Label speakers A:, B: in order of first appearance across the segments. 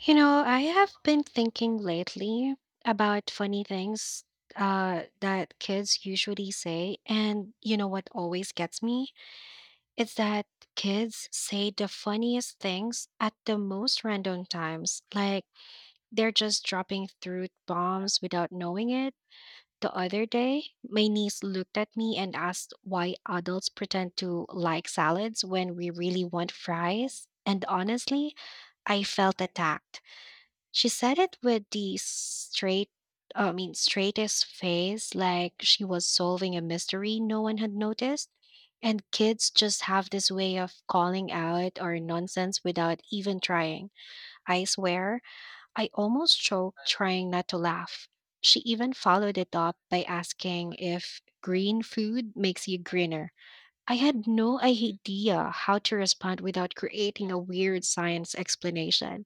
A: I have been thinking lately about funny things that kids usually say. And you know what always gets me? It's that kids say the funniest things at the most random times. Like they're just dropping truth bombs without knowing it. The other day, my niece looked at me and asked why adults pretend to like salads when we really want fries. And honestly, I felt attacked. She said it with the I mean, straightest face, like she was solving a mystery no one had noticed. And kids just have this way of calling out our nonsense without even trying. I swear, I almost choked trying not to laugh. She even followed it up by asking if green food makes you greener. I had no idea how to respond without creating a weird science explanation.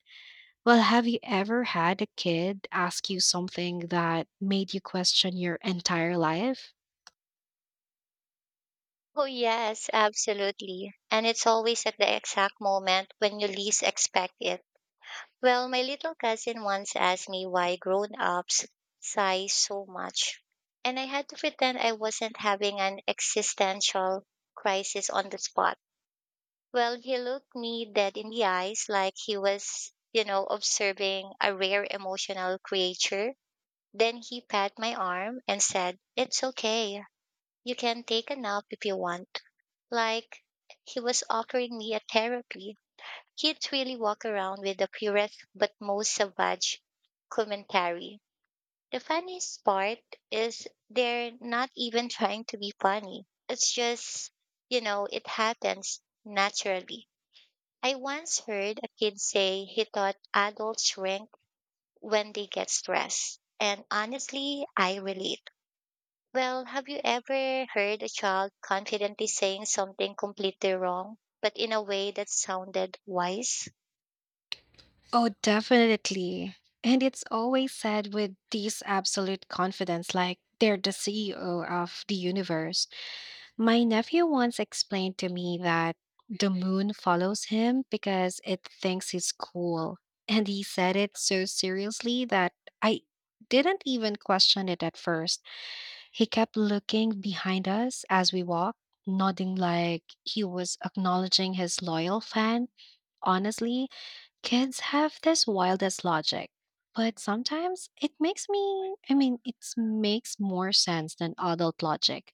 A: Well, have you ever had a kid ask you something that made you question your entire life?
B: Oh, yes, absolutely. And it's always at the exact moment when you least expect it. Well, my little cousin once asked me why grown ups sigh so much. And I had to pretend I wasn't having an existential crisis on the spot. Well, he looked me dead in the eyes like he was, observing a rare emotional creature. Then he pat my arm and said, It's okay. You can take a nap if you want like he was offering me a therapy. Kids really walk around with the purest but most savage commentary. The funniest part is they're not even trying to be funny. It's just, it happens naturally. I once heard a kid say he thought adults shrink when they get stressed. And honestly, I relate. Well, have you ever heard a child confidently saying something completely wrong, but in a way that sounded wise?
A: Oh, definitely. And it's always said with this absolute confidence, like they're the CEO of the universe. My nephew once explained to me that the moon follows him because it thinks he's cool. And he said it so seriously that I didn't even question it at first. He kept looking behind us as we walked, nodding like he was acknowledging his loyal fan. Honestly, kids have this wildest logic, but sometimes it makes, I mean, it makes more sense than adult logic.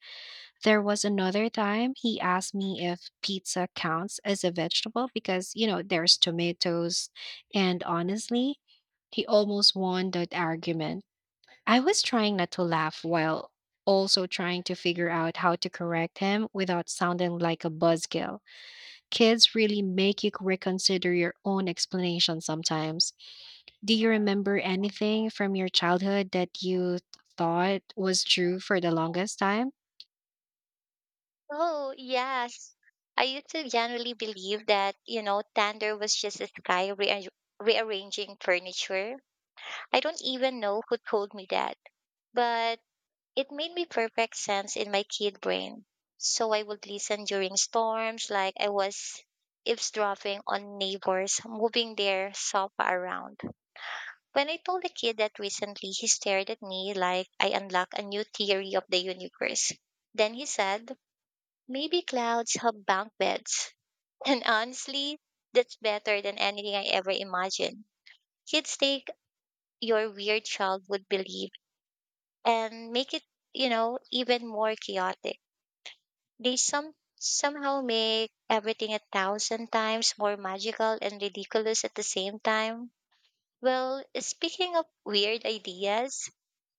A: There was another time he asked me if pizza counts as a vegetable because, there's tomatoes. And honestly, he almost won that argument. I was trying not to laugh while also trying to figure out how to correct him without sounding like a buzzkill. Kids really make you reconsider your own explanation sometimes. Do you remember anything from your childhood that you thought was true for the longest time?
B: Oh, yes. I used to generally believe that, Thunder was just a sky rearranging furniture. I don't even know who told me that, but it made me perfect sense in my kid brain. So I would listen during storms like I was eavesdropping on neighbors moving their sofa around. When I told the kid that recently, he stared at me like I unlocked a new theory of the universe. Then he said, Maybe clouds have bunk beds. And honestly, that's better than anything I ever imagined. Kids take your weird childhood belief and make it, even more chaotic. They somehow make everything a thousand times more magical and ridiculous at the same time. Well, speaking of weird ideas,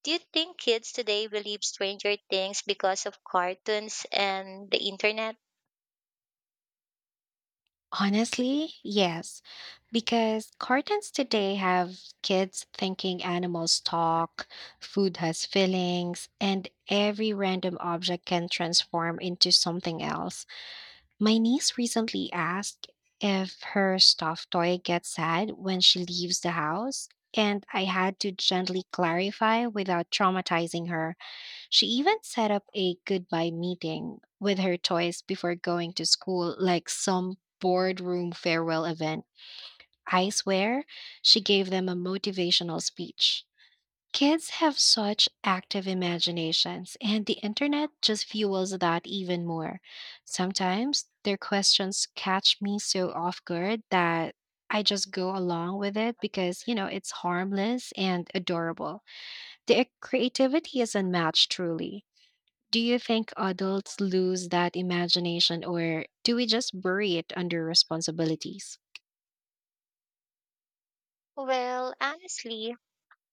B: do you think kids today believe stranger things because of cartoons and the internet?
A: Honestly, yes, because cartons today have kids thinking animals talk, food has feelings, and every random object can transform into something else. My niece recently asked if her stuffed toy gets sad when she leaves the house, and I had to gently clarify without traumatizing her. She even set up a goodbye meeting with her toys before going to school, like some boardroom farewell event. I swear, she gave them a motivational speech. Kids have such active imaginations, and the internet just fuels that even more. Sometimes their questions catch me so off guard that I just go along with it because, it's harmless and adorable. Their creativity is unmatched, truly. Do you think adults lose that imagination or do we just bury it under responsibilities?
B: Well, honestly,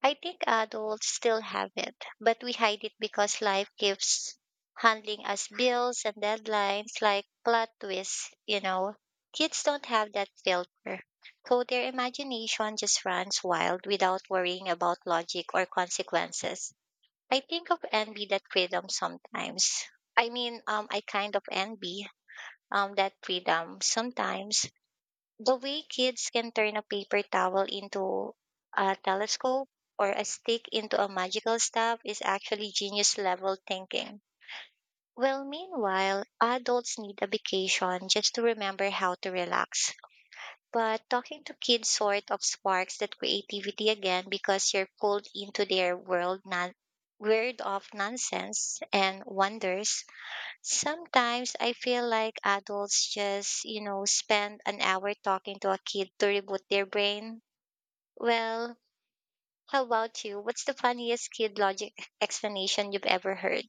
B: I think adults still have it, but we hide it because life keeps handling us bills and deadlines like plot twists. Kids don't have that filter. So their imagination just runs wild without worrying about logic or consequences. I think of envy that freedom sometimes. I mean, I kind of envy that freedom sometimes. The way kids can turn a paper towel into a telescope or a stick into a magical staff is actually genius level thinking. Well, meanwhile, adults need a vacation just to remember how to relax. But talking to kids sort of sparks that creativity again because you're pulled into their world non world of nonsense and wonders. Sometimes I feel like adults just, spend an hour talking to a kid to reboot their brain. Well, how about you? What's the funniest kid logic explanation you've ever heard?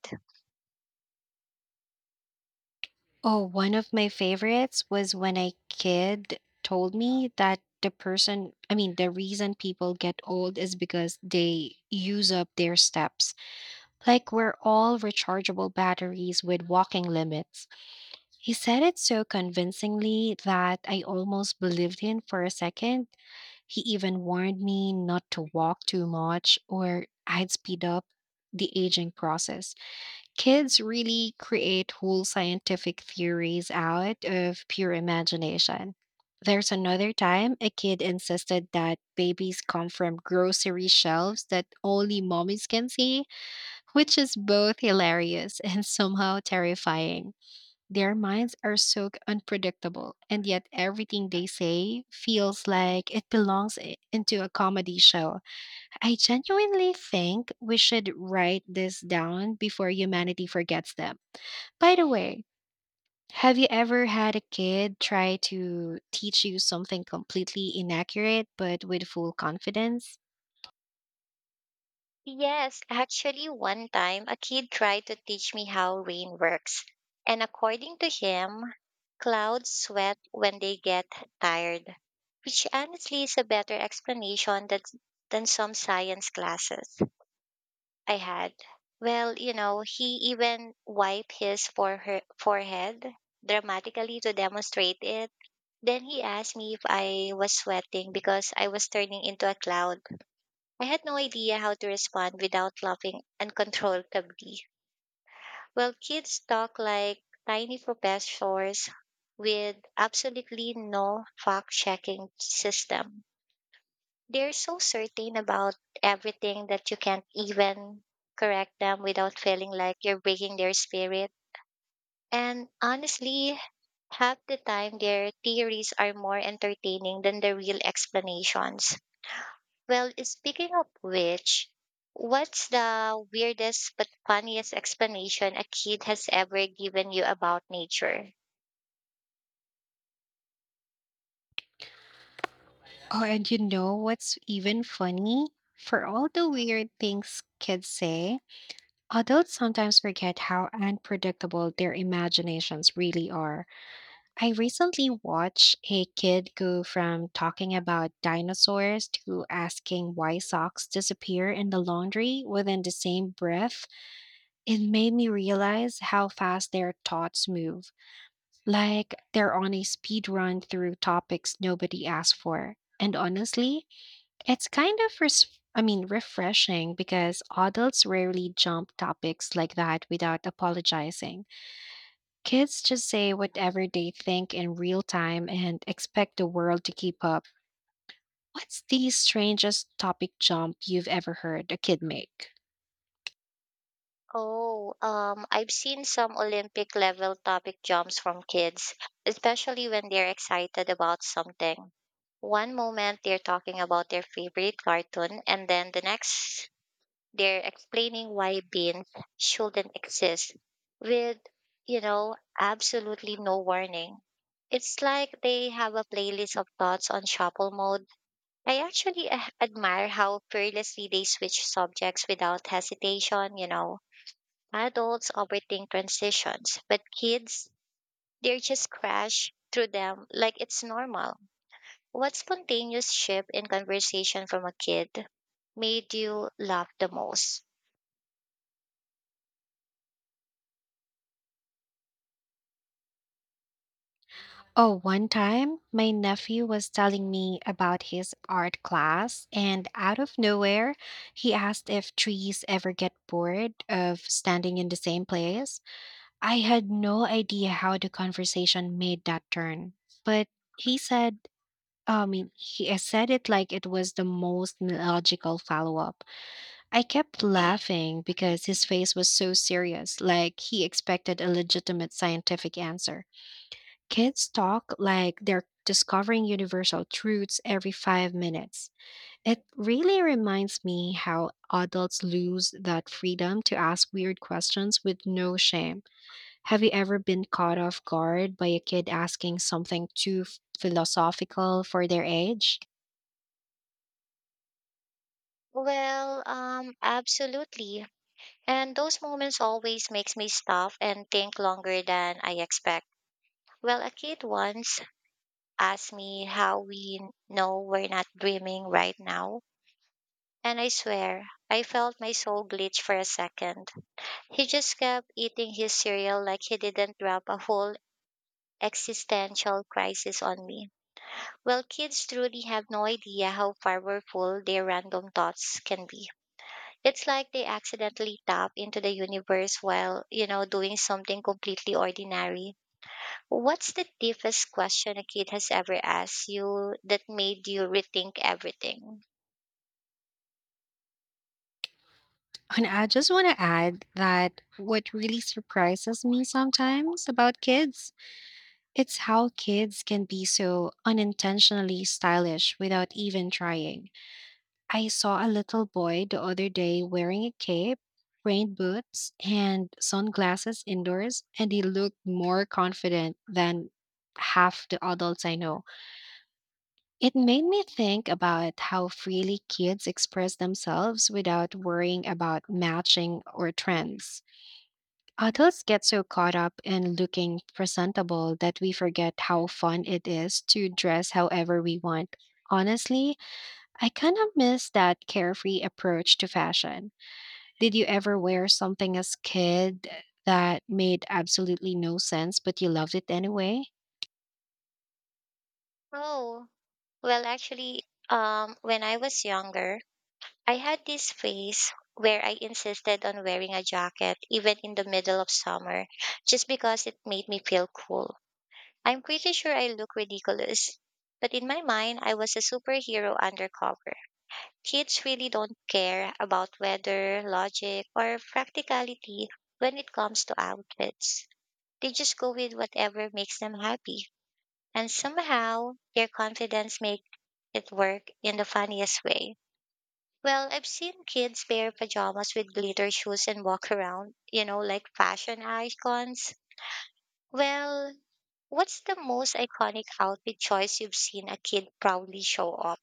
A: Oh, one of my favorites was when a kid told me that I mean, the reason people get old is because they use up their steps. Like we're all rechargeable batteries with walking limits. He said it so convincingly that I almost believed him for a second. He even warned me not to walk too much or I'd speed up the aging process. Kids really create whole scientific theories out of pure imagination. There's another time a kid insisted that babies come from grocery shelves that only mommies can see, which is both hilarious and somehow terrifying. Their minds are so unpredictable, and yet everything they say feels like it belongs into a comedy show. I genuinely think we should write this down before humanity forgets them. By the way, have you ever had a kid try to teach you something completely inaccurate but with full confidence?
B: Yes, actually, one time a kid tried to teach me how rain works. And according to him, clouds sweat when they get tired, which honestly is a better explanation than some science classes I had. Well, he even wiped his forehead dramatically to demonstrate it. Then he asked me if I was sweating because I was turning into a cloud. I had no idea how to respond without laughing uncontrollably. Well, kids talk like tiny professors with absolutely no fact checking system. They're so certain about everything that you can't even correct them without feeling like you're breaking their spirit. And honestly, half the time their theories are more entertaining than the real explanations. Well, speaking of which, what's the weirdest but funniest explanation a kid has ever given you about nature?
A: Oh, and you know what's even funny? For all the weird things kids say, adults sometimes forget how unpredictable their imaginations really are. I recently watched a kid go from talking about dinosaurs to asking why socks disappear in the laundry within the same breath. It made me realize how fast their thoughts move, like they're on a speed run through topics nobody asked for. And honestly, it's kind of, I mean, refreshing because adults rarely jump topics like that without apologizing. Kids just say whatever they think in real time and expect the world to keep up. What's the strangest topic jump you've ever heard a kid make?
B: Oh, I've seen some Olympic level topic jumps from kids, especially when they're excited about something. One moment they're talking about their favorite cartoon, and then the next They're explaining why beans shouldn't exist with, absolutely no warning. It's like they have a playlist of thoughts on shuffle mode. I actually admire how fearlessly they switch subjects without hesitation. Adults overthink transitions, but kids, they just crash through them like it's normal. What spontaneous shift in conversation from a kid made you laugh the most?
A: Oh, one time my nephew was telling me about his art class, and out of nowhere, he asked if trees ever get bored of standing in the same place. I had no idea how the conversation made that turn, but he said, I mean, he said it like it was the most logical follow up. I kept laughing because his face was so serious, like he expected a legitimate scientific answer. Kids talk like they're discovering universal truths every 5 minutes. It really reminds me how adults lose that freedom to ask weird questions with no shame. Have you ever been caught off guard by a kid asking something too philosophical for their age?
B: Well, absolutely. And those moments always makes me stop and think longer than I expect. Well, a kid once asked me how we know we're not dreaming right now, and I swear I felt my soul glitch for a second. He just kept eating his cereal like he didn't drop a whole existential crisis on me. Well, kids truly have no idea how powerful their random thoughts can be. It's like they accidentally tap into the universe while, doing something completely ordinary. What's the deepest question a kid has ever asked you that made you rethink everything?
A: And I just want to add that what really surprises me sometimes about kids, it's how kids can be so unintentionally stylish without even trying. I saw a little boy the other day wearing a cape, rain boots, and sunglasses indoors, and he looked more confident than half the adults I know. It made me think about how freely kids express themselves without worrying about matching or trends. Adults get so caught up in looking presentable that we forget how fun it is to dress however we want. Honestly, I kind of miss that carefree approach to fashion. Did you ever wear something as kid that made absolutely no sense but you loved it anyway?
B: Oh, well, actually, when I was younger, I had this phase where I insisted on wearing a jacket even in the middle of summer just because it made me feel cool. I'm pretty sure I look ridiculous, but in my mind, I was a superhero undercover. Kids really don't care about weather, logic, or practicality when it comes to outfits. They just go with whatever makes them happy. And somehow, their confidence makes it work in the funniest way. Well, I've seen kids pair pajamas with glitter shoes and walk around, like fashion icons. Well, what's the most iconic outfit choice you've seen a kid proudly show off?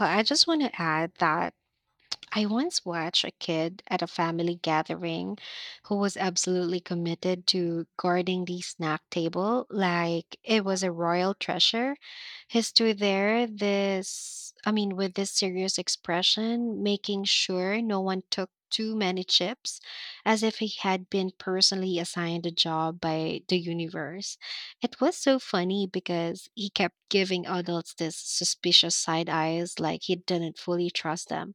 A: I just want to add that I once watched a kid at a family gathering who was absolutely committed to guarding the snack table like it was a royal treasure. He stood there this I mean, with this serious expression, making sure no one took too many chips as if he had been personally assigned a job by the universe. It was so funny because he kept giving adults this suspicious side eyes like he didn't fully trust them.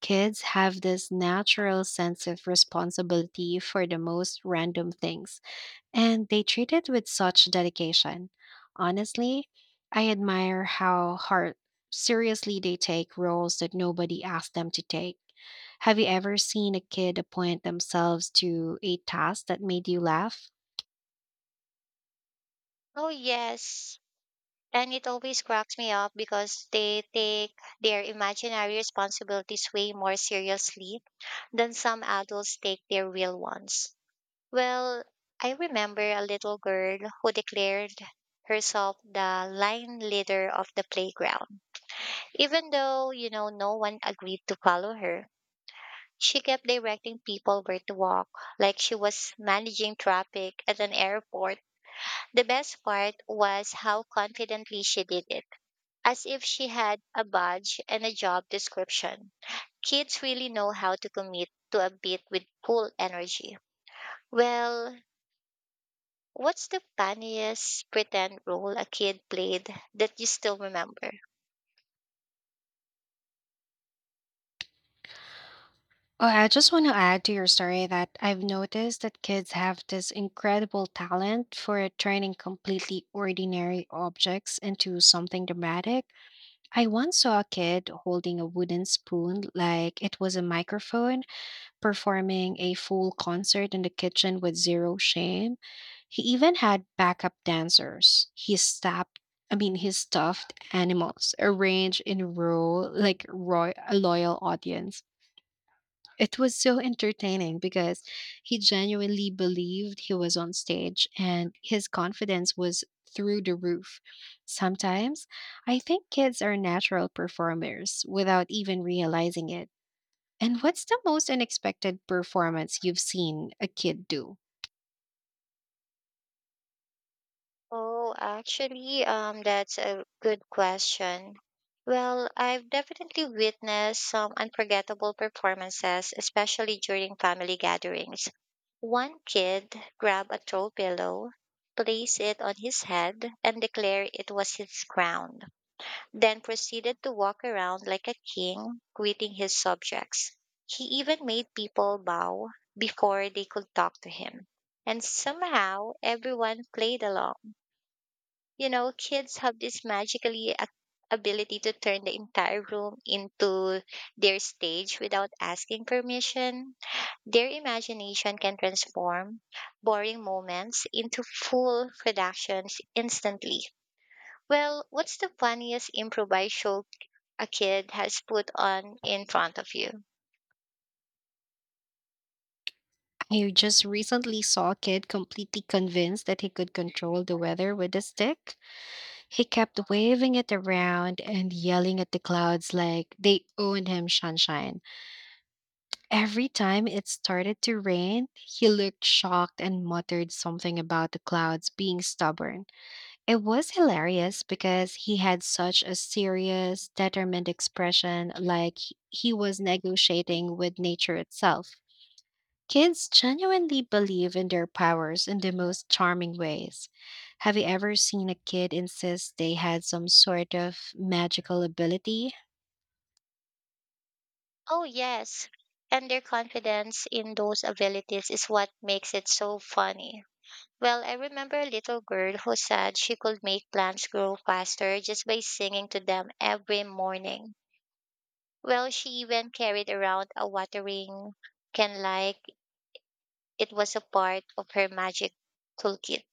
A: Kids have this natural sense of responsibility for the most random things, and they treat it with such dedication. Honestly, I admire how hard seriously they take roles that nobody asked them to take. Have you ever seen a kid appoint themselves to a task that made you laugh?
B: Oh, yes. And it always cracks me up because they take their imaginary responsibilities way more seriously than some adults take their real ones. Well, I remember a little girl who declared herself the line leader of the playground. Even though, no one agreed to follow her, she kept directing people where to walk, like she was managing traffic at an airport. The best part was how confidently she did it as if she had a badge and a job description. Kids really know how to commit to a beat with cool energy. Well, what's the funniest pretend role a kid played that you still remember?
A: Oh, I just want to add to your story that I've noticed that kids have this incredible talent for turning completely ordinary objects into something dramatic. I once saw a kid holding a wooden spoon like it was a microphone, performing a full concert in the kitchen with zero shame. He even had backup dancers. He stopped I mean, his stuffed animals arranged in a row like a loyal audience. It was so entertaining because he genuinely believed he was on stage and his confidence was through the roof. Sometimes I think kids are natural performers without even realizing it. And what's the most unexpected performance you've seen a kid do?
B: Oh, actually, that's a good question. Well, I've definitely witnessed some unforgettable performances, especially during family gatherings. One kid grabbed a throw pillow, placed it on his head, and declared it was his crown, then proceeded to walk around like a king, greeting his subjects. He even made people bow before they could talk to him. And somehow everyone played along kids have this magically ability to turn the entire room into their stage without asking permission. Their imagination can transform boring moments into full productions instantly. Well, what's the funniest improvised show a kid has put on in front of you?
A: I just recently saw a kid completely convinced that he could control the weather with a stick. He kept waving it around and yelling at the clouds like they owned him sunshine. Every time it started to rain, he looked shocked and muttered something about the clouds being stubborn. It was hilarious because he had such a serious, determined expression, like he was negotiating with nature itself. Kids genuinely believe in their powers in the most charming ways. Have you ever seen a kid insist they had some sort of magical ability?
B: Oh, yes. And their confidence in those abilities is what makes it so funny. Well, I remember a little girl who said she could make plants grow faster just by singing to them every morning. Well, she even carried around a watering can like it was a part of her magic toolkit.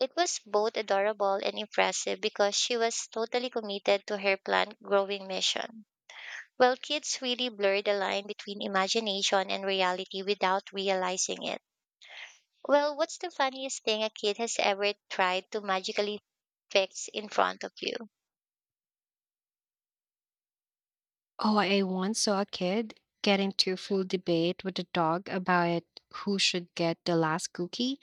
B: It was both adorable and impressive because she was totally committed to her plant growing mission. Well, kids really blur the line between imagination and reality without realizing it. Well, what's the funniest thing a kid has ever tried to magically fix in front of you?
A: Oh, I once saw a kid get into a full debate with a dog about who should get the last cookie.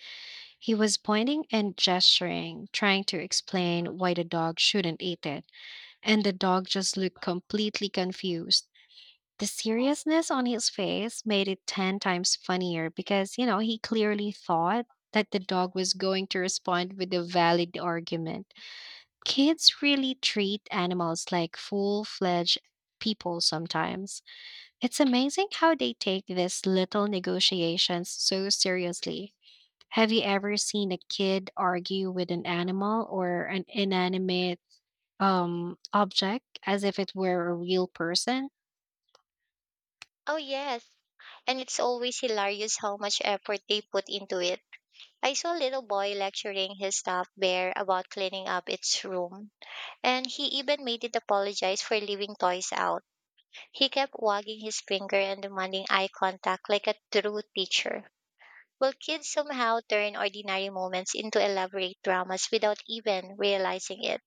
A: He was pointing and gesturing, trying to explain why the dog shouldn't eat it, and the dog just looked completely confused. The seriousness on his face made it 10 times funnier because, he clearly thought that the dog was going to respond with a valid argument. Kids really treat animals like full fledged people sometimes. It's amazing how they take these little negotiations so seriously. Have you ever seen a kid argue with an animal or an inanimate object as if it were a real person?
B: Oh, yes. And it's always hilarious how much effort they put into it. I saw a little boy lecturing his stuffed bear about cleaning up its room, and he even made it apologize for leaving toys out. He kept wagging his finger and demanding eye contact like a true teacher. Well, kids somehow turn ordinary moments into elaborate dramas without even realizing it.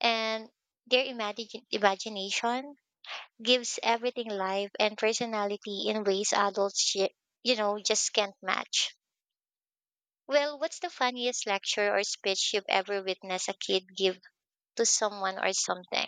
B: And their imagine imagination gives everything life and personality in ways adults just can't match. Well, what's the funniest lecture or speech you've ever witnessed a kid give to someone or something?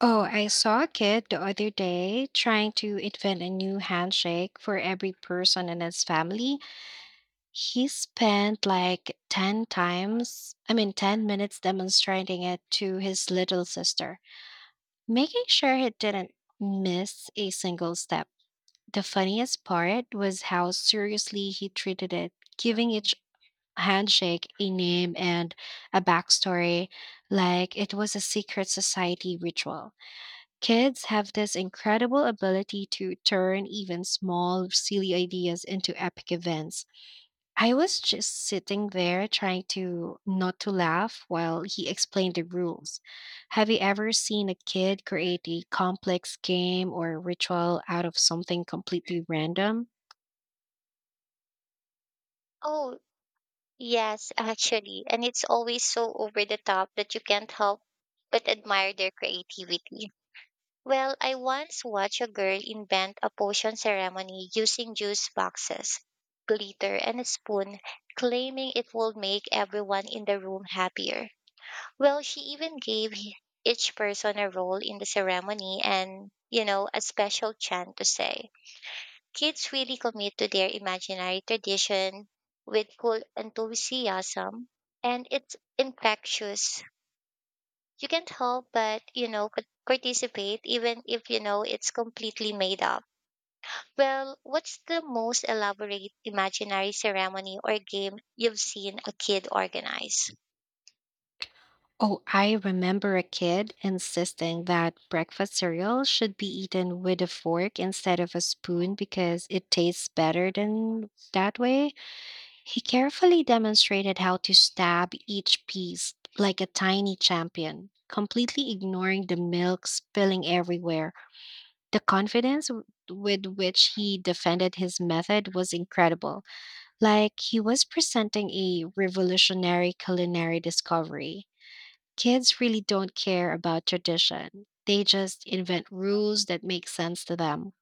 A: Oh, I saw a kid the other day trying to invent a new handshake for every person in his family. He spent like 10 times, I mean, 10 minutes demonstrating it to his little sister, making sure he didn't miss a single step. The funniest part was how seriously he treated it, giving each handshake a name and a backstory, like it was a secret society ritual. Kids have this incredible ability to turn even small, silly ideas into epic events. I was just sitting there trying to not to laugh while he explained the rules. Have you ever seen a kid create a complex game or ritual out of something completely random?
B: Oh, yes, actually. And it's always so over the top that you can't help but admire their creativity. Well, I once watched a girl invent a potion ceremony using juice boxes, glitter, and a spoon, claiming it would make everyone in the room happier. Well, she even gave each person a role in the ceremony and a special chant to say. Kids really commit to their imaginary tradition with cool enthusiasm, and it's infectious. You can't help but participate even if it's completely made up. Well, what's the most elaborate imaginary ceremony or game you've seen a kid organize?
A: Oh, I remember a kid insisting that breakfast cereal should be eaten with a fork instead of a spoon because it tastes better than that way. He carefully demonstrated how to stab each piece like a tiny champion, completely ignoring the milk spilling everywhere. The confidence with which he defended his method was incredible, like he was presenting a revolutionary culinary discovery. Kids really don't care about tradition. They just invent rules that make sense to them.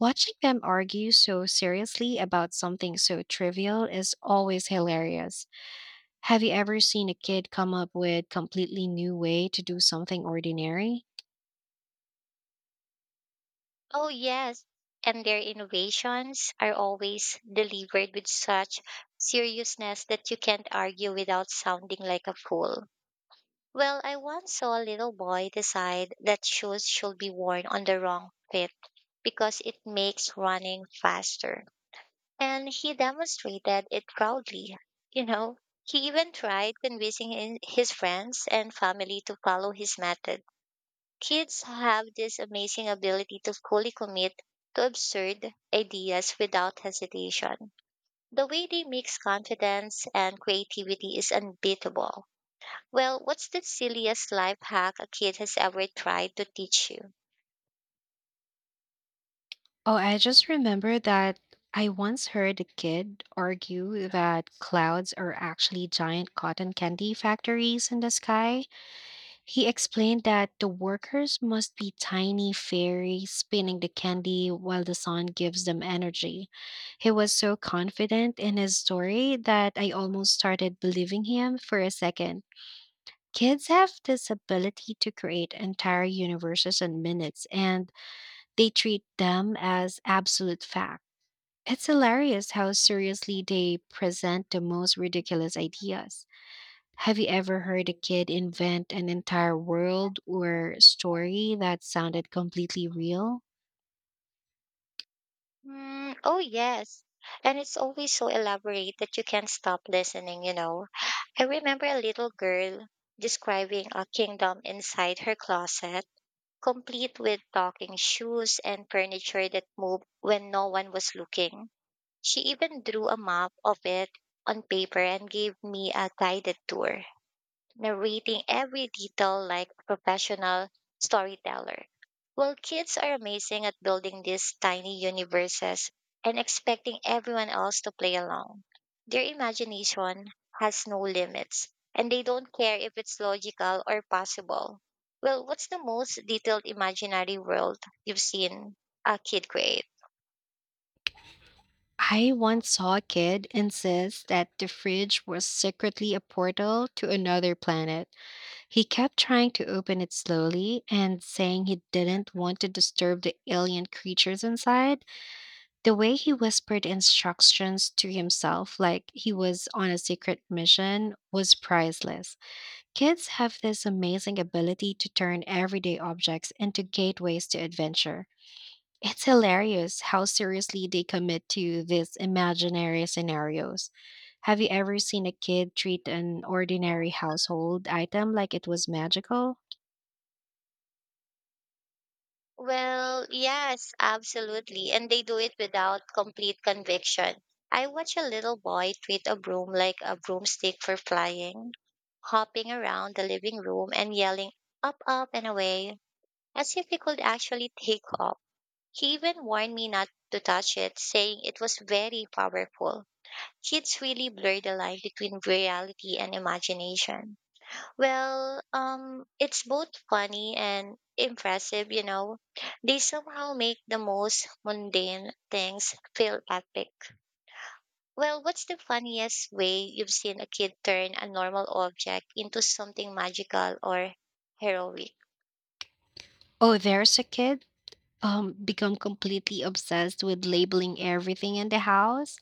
A: Watching them argue so seriously about something so trivial is always hilarious. Have you ever seen a kid come up with completely new way to do something ordinary?
B: Oh, yes. And their innovations are always delivered with such seriousness that you can't argue without sounding like a fool. Well, I once saw a little boy decide that shoes should be worn on the wrong fit because it makes running faster. And he demonstrated it proudly. You know, he even tried convincing his friends and family to follow his method. Kids have this amazing ability to fully commit to absurd ideas without hesitation. The way they mix confidence and creativity is unbeatable. Well, what's the silliest life hack a kid has ever tried to teach you?
A: Oh, I just remember that I once heard a kid argue that clouds are actually giant cotton candy factories in the sky. He explained that the workers must be tiny fairies spinning the candy while the sun gives them energy. He was so confident in his story that I almost started believing him for a second. Kids have this ability to create entire universes in minutes, and they treat them as absolute fact. It's hilarious how seriously they present the most ridiculous ideas. Have you ever heard a kid invent an entire world or story that sounded completely real?
B: Mm, oh, yes. And it's always so elaborate that you can't stop listening. I remember a little girl describing a kingdom inside her closet, complete with talking shoes and furniture that moved when no one was looking. She even drew a map of it on paper and gave me a guided tour narrating every detail like a professional storyteller. Well, kids are amazing at building these tiny universes and expecting everyone else to play along. Their imagination has no limits, and they don't care if it's logical or possible. Well, what's the most detailed imaginary world you've seen a kid create?
A: I once saw a kid insist that the fridge was secretly a portal to another planet. He kept trying to open it slowly and saying he didn't want to disturb the alien creatures inside. The way he whispered instructions to himself, like he was on a secret mission, was priceless. Kids have this amazing ability to turn everyday objects into gateways to adventure. It's hilarious how seriously they commit to these imaginary scenarios. Have you ever seen a kid treat an ordinary household item like it was magical?
B: Well, yes, absolutely. And they do it without complete conviction. I watch a little boy treat a broom like a broomstick for flying, hopping around the living room and yelling up, up, and away, as if he could actually take off. He even warned me not to touch it, saying it was very powerful. Kids really blur the line between reality and imagination. Well, it's both funny and impressive, They somehow make the most mundane things feel epic. Well, what's the funniest way you've seen a kid turn a normal object into something magical or heroic?
A: Oh, there's a kid become completely obsessed with labeling everything in the house.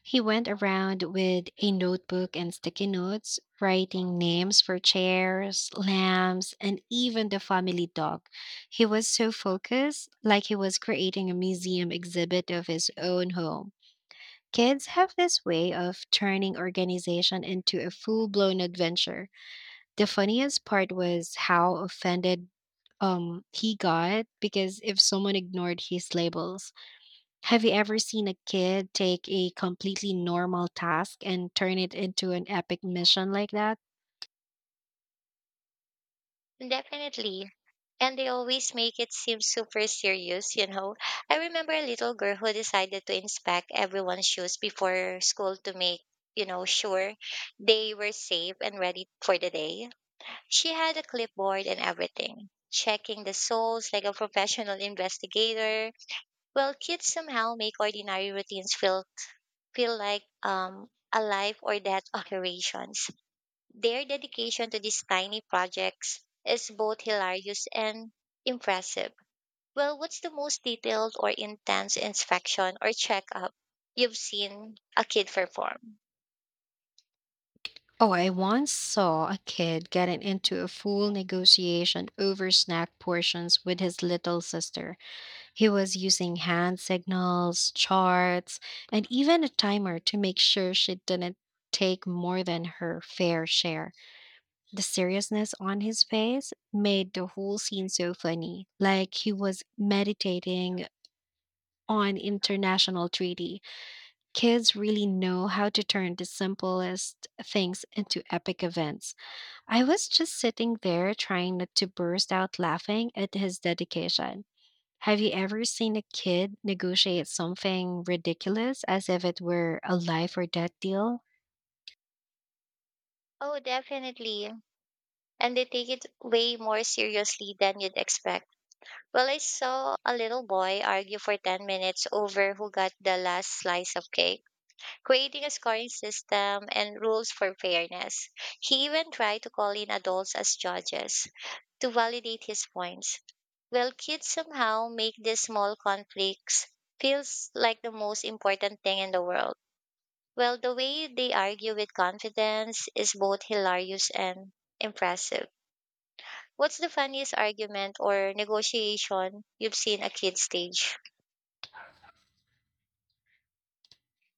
A: He went around with a notebook and sticky notes, writing names for chairs, lamps, and even the family dog. He was so focused, like he was creating a museum exhibit of his own home. Kids have this way of turning organization into a full-blown adventure. The funniest part was how offended he got because if someone ignored his labels. Have you ever seen a kid take a completely normal task and turn it into an epic mission like that?
B: Definitely. And they always make it seem super serious, I remember a little girl who decided to inspect everyone's shoes before school to make, sure they were safe and ready for the day. She had a clipboard and everything, checking the souls like a professional investigator. Well, kids somehow make ordinary routines feel like a life or death operations. Their dedication to these tiny projects is both hilarious and impressive. Well, what's the most detailed or intense inspection or checkup you've seen a kid perform?
A: Oh, I once saw a kid getting into a full negotiation over snack portions with his little sister. He was using hand signals, charts, and even a timer to make sure she didn't take more than her fair share. The seriousness on his face made the whole scene so funny, like he was meditating on international treaty. Kids really know how to turn the simplest things into epic events. I was just sitting there trying not to burst out laughing at his dedication. Have you ever seen a kid negotiate something ridiculous as if it were a life or death deal?
B: Oh, definitely. And they take it way more seriously than you'd expect. Well, I saw a little boy argue for 10 minutes over who got the last slice of cake, creating a scoring system and rules for fairness. He even tried to call in adults as judges to validate his points. Well, kids somehow make these small conflicts feels like the most important thing in the world. Well, the way they argue with confidence is both hilarious and impressive. What's the funniest argument or negotiation you've seen a kid stage?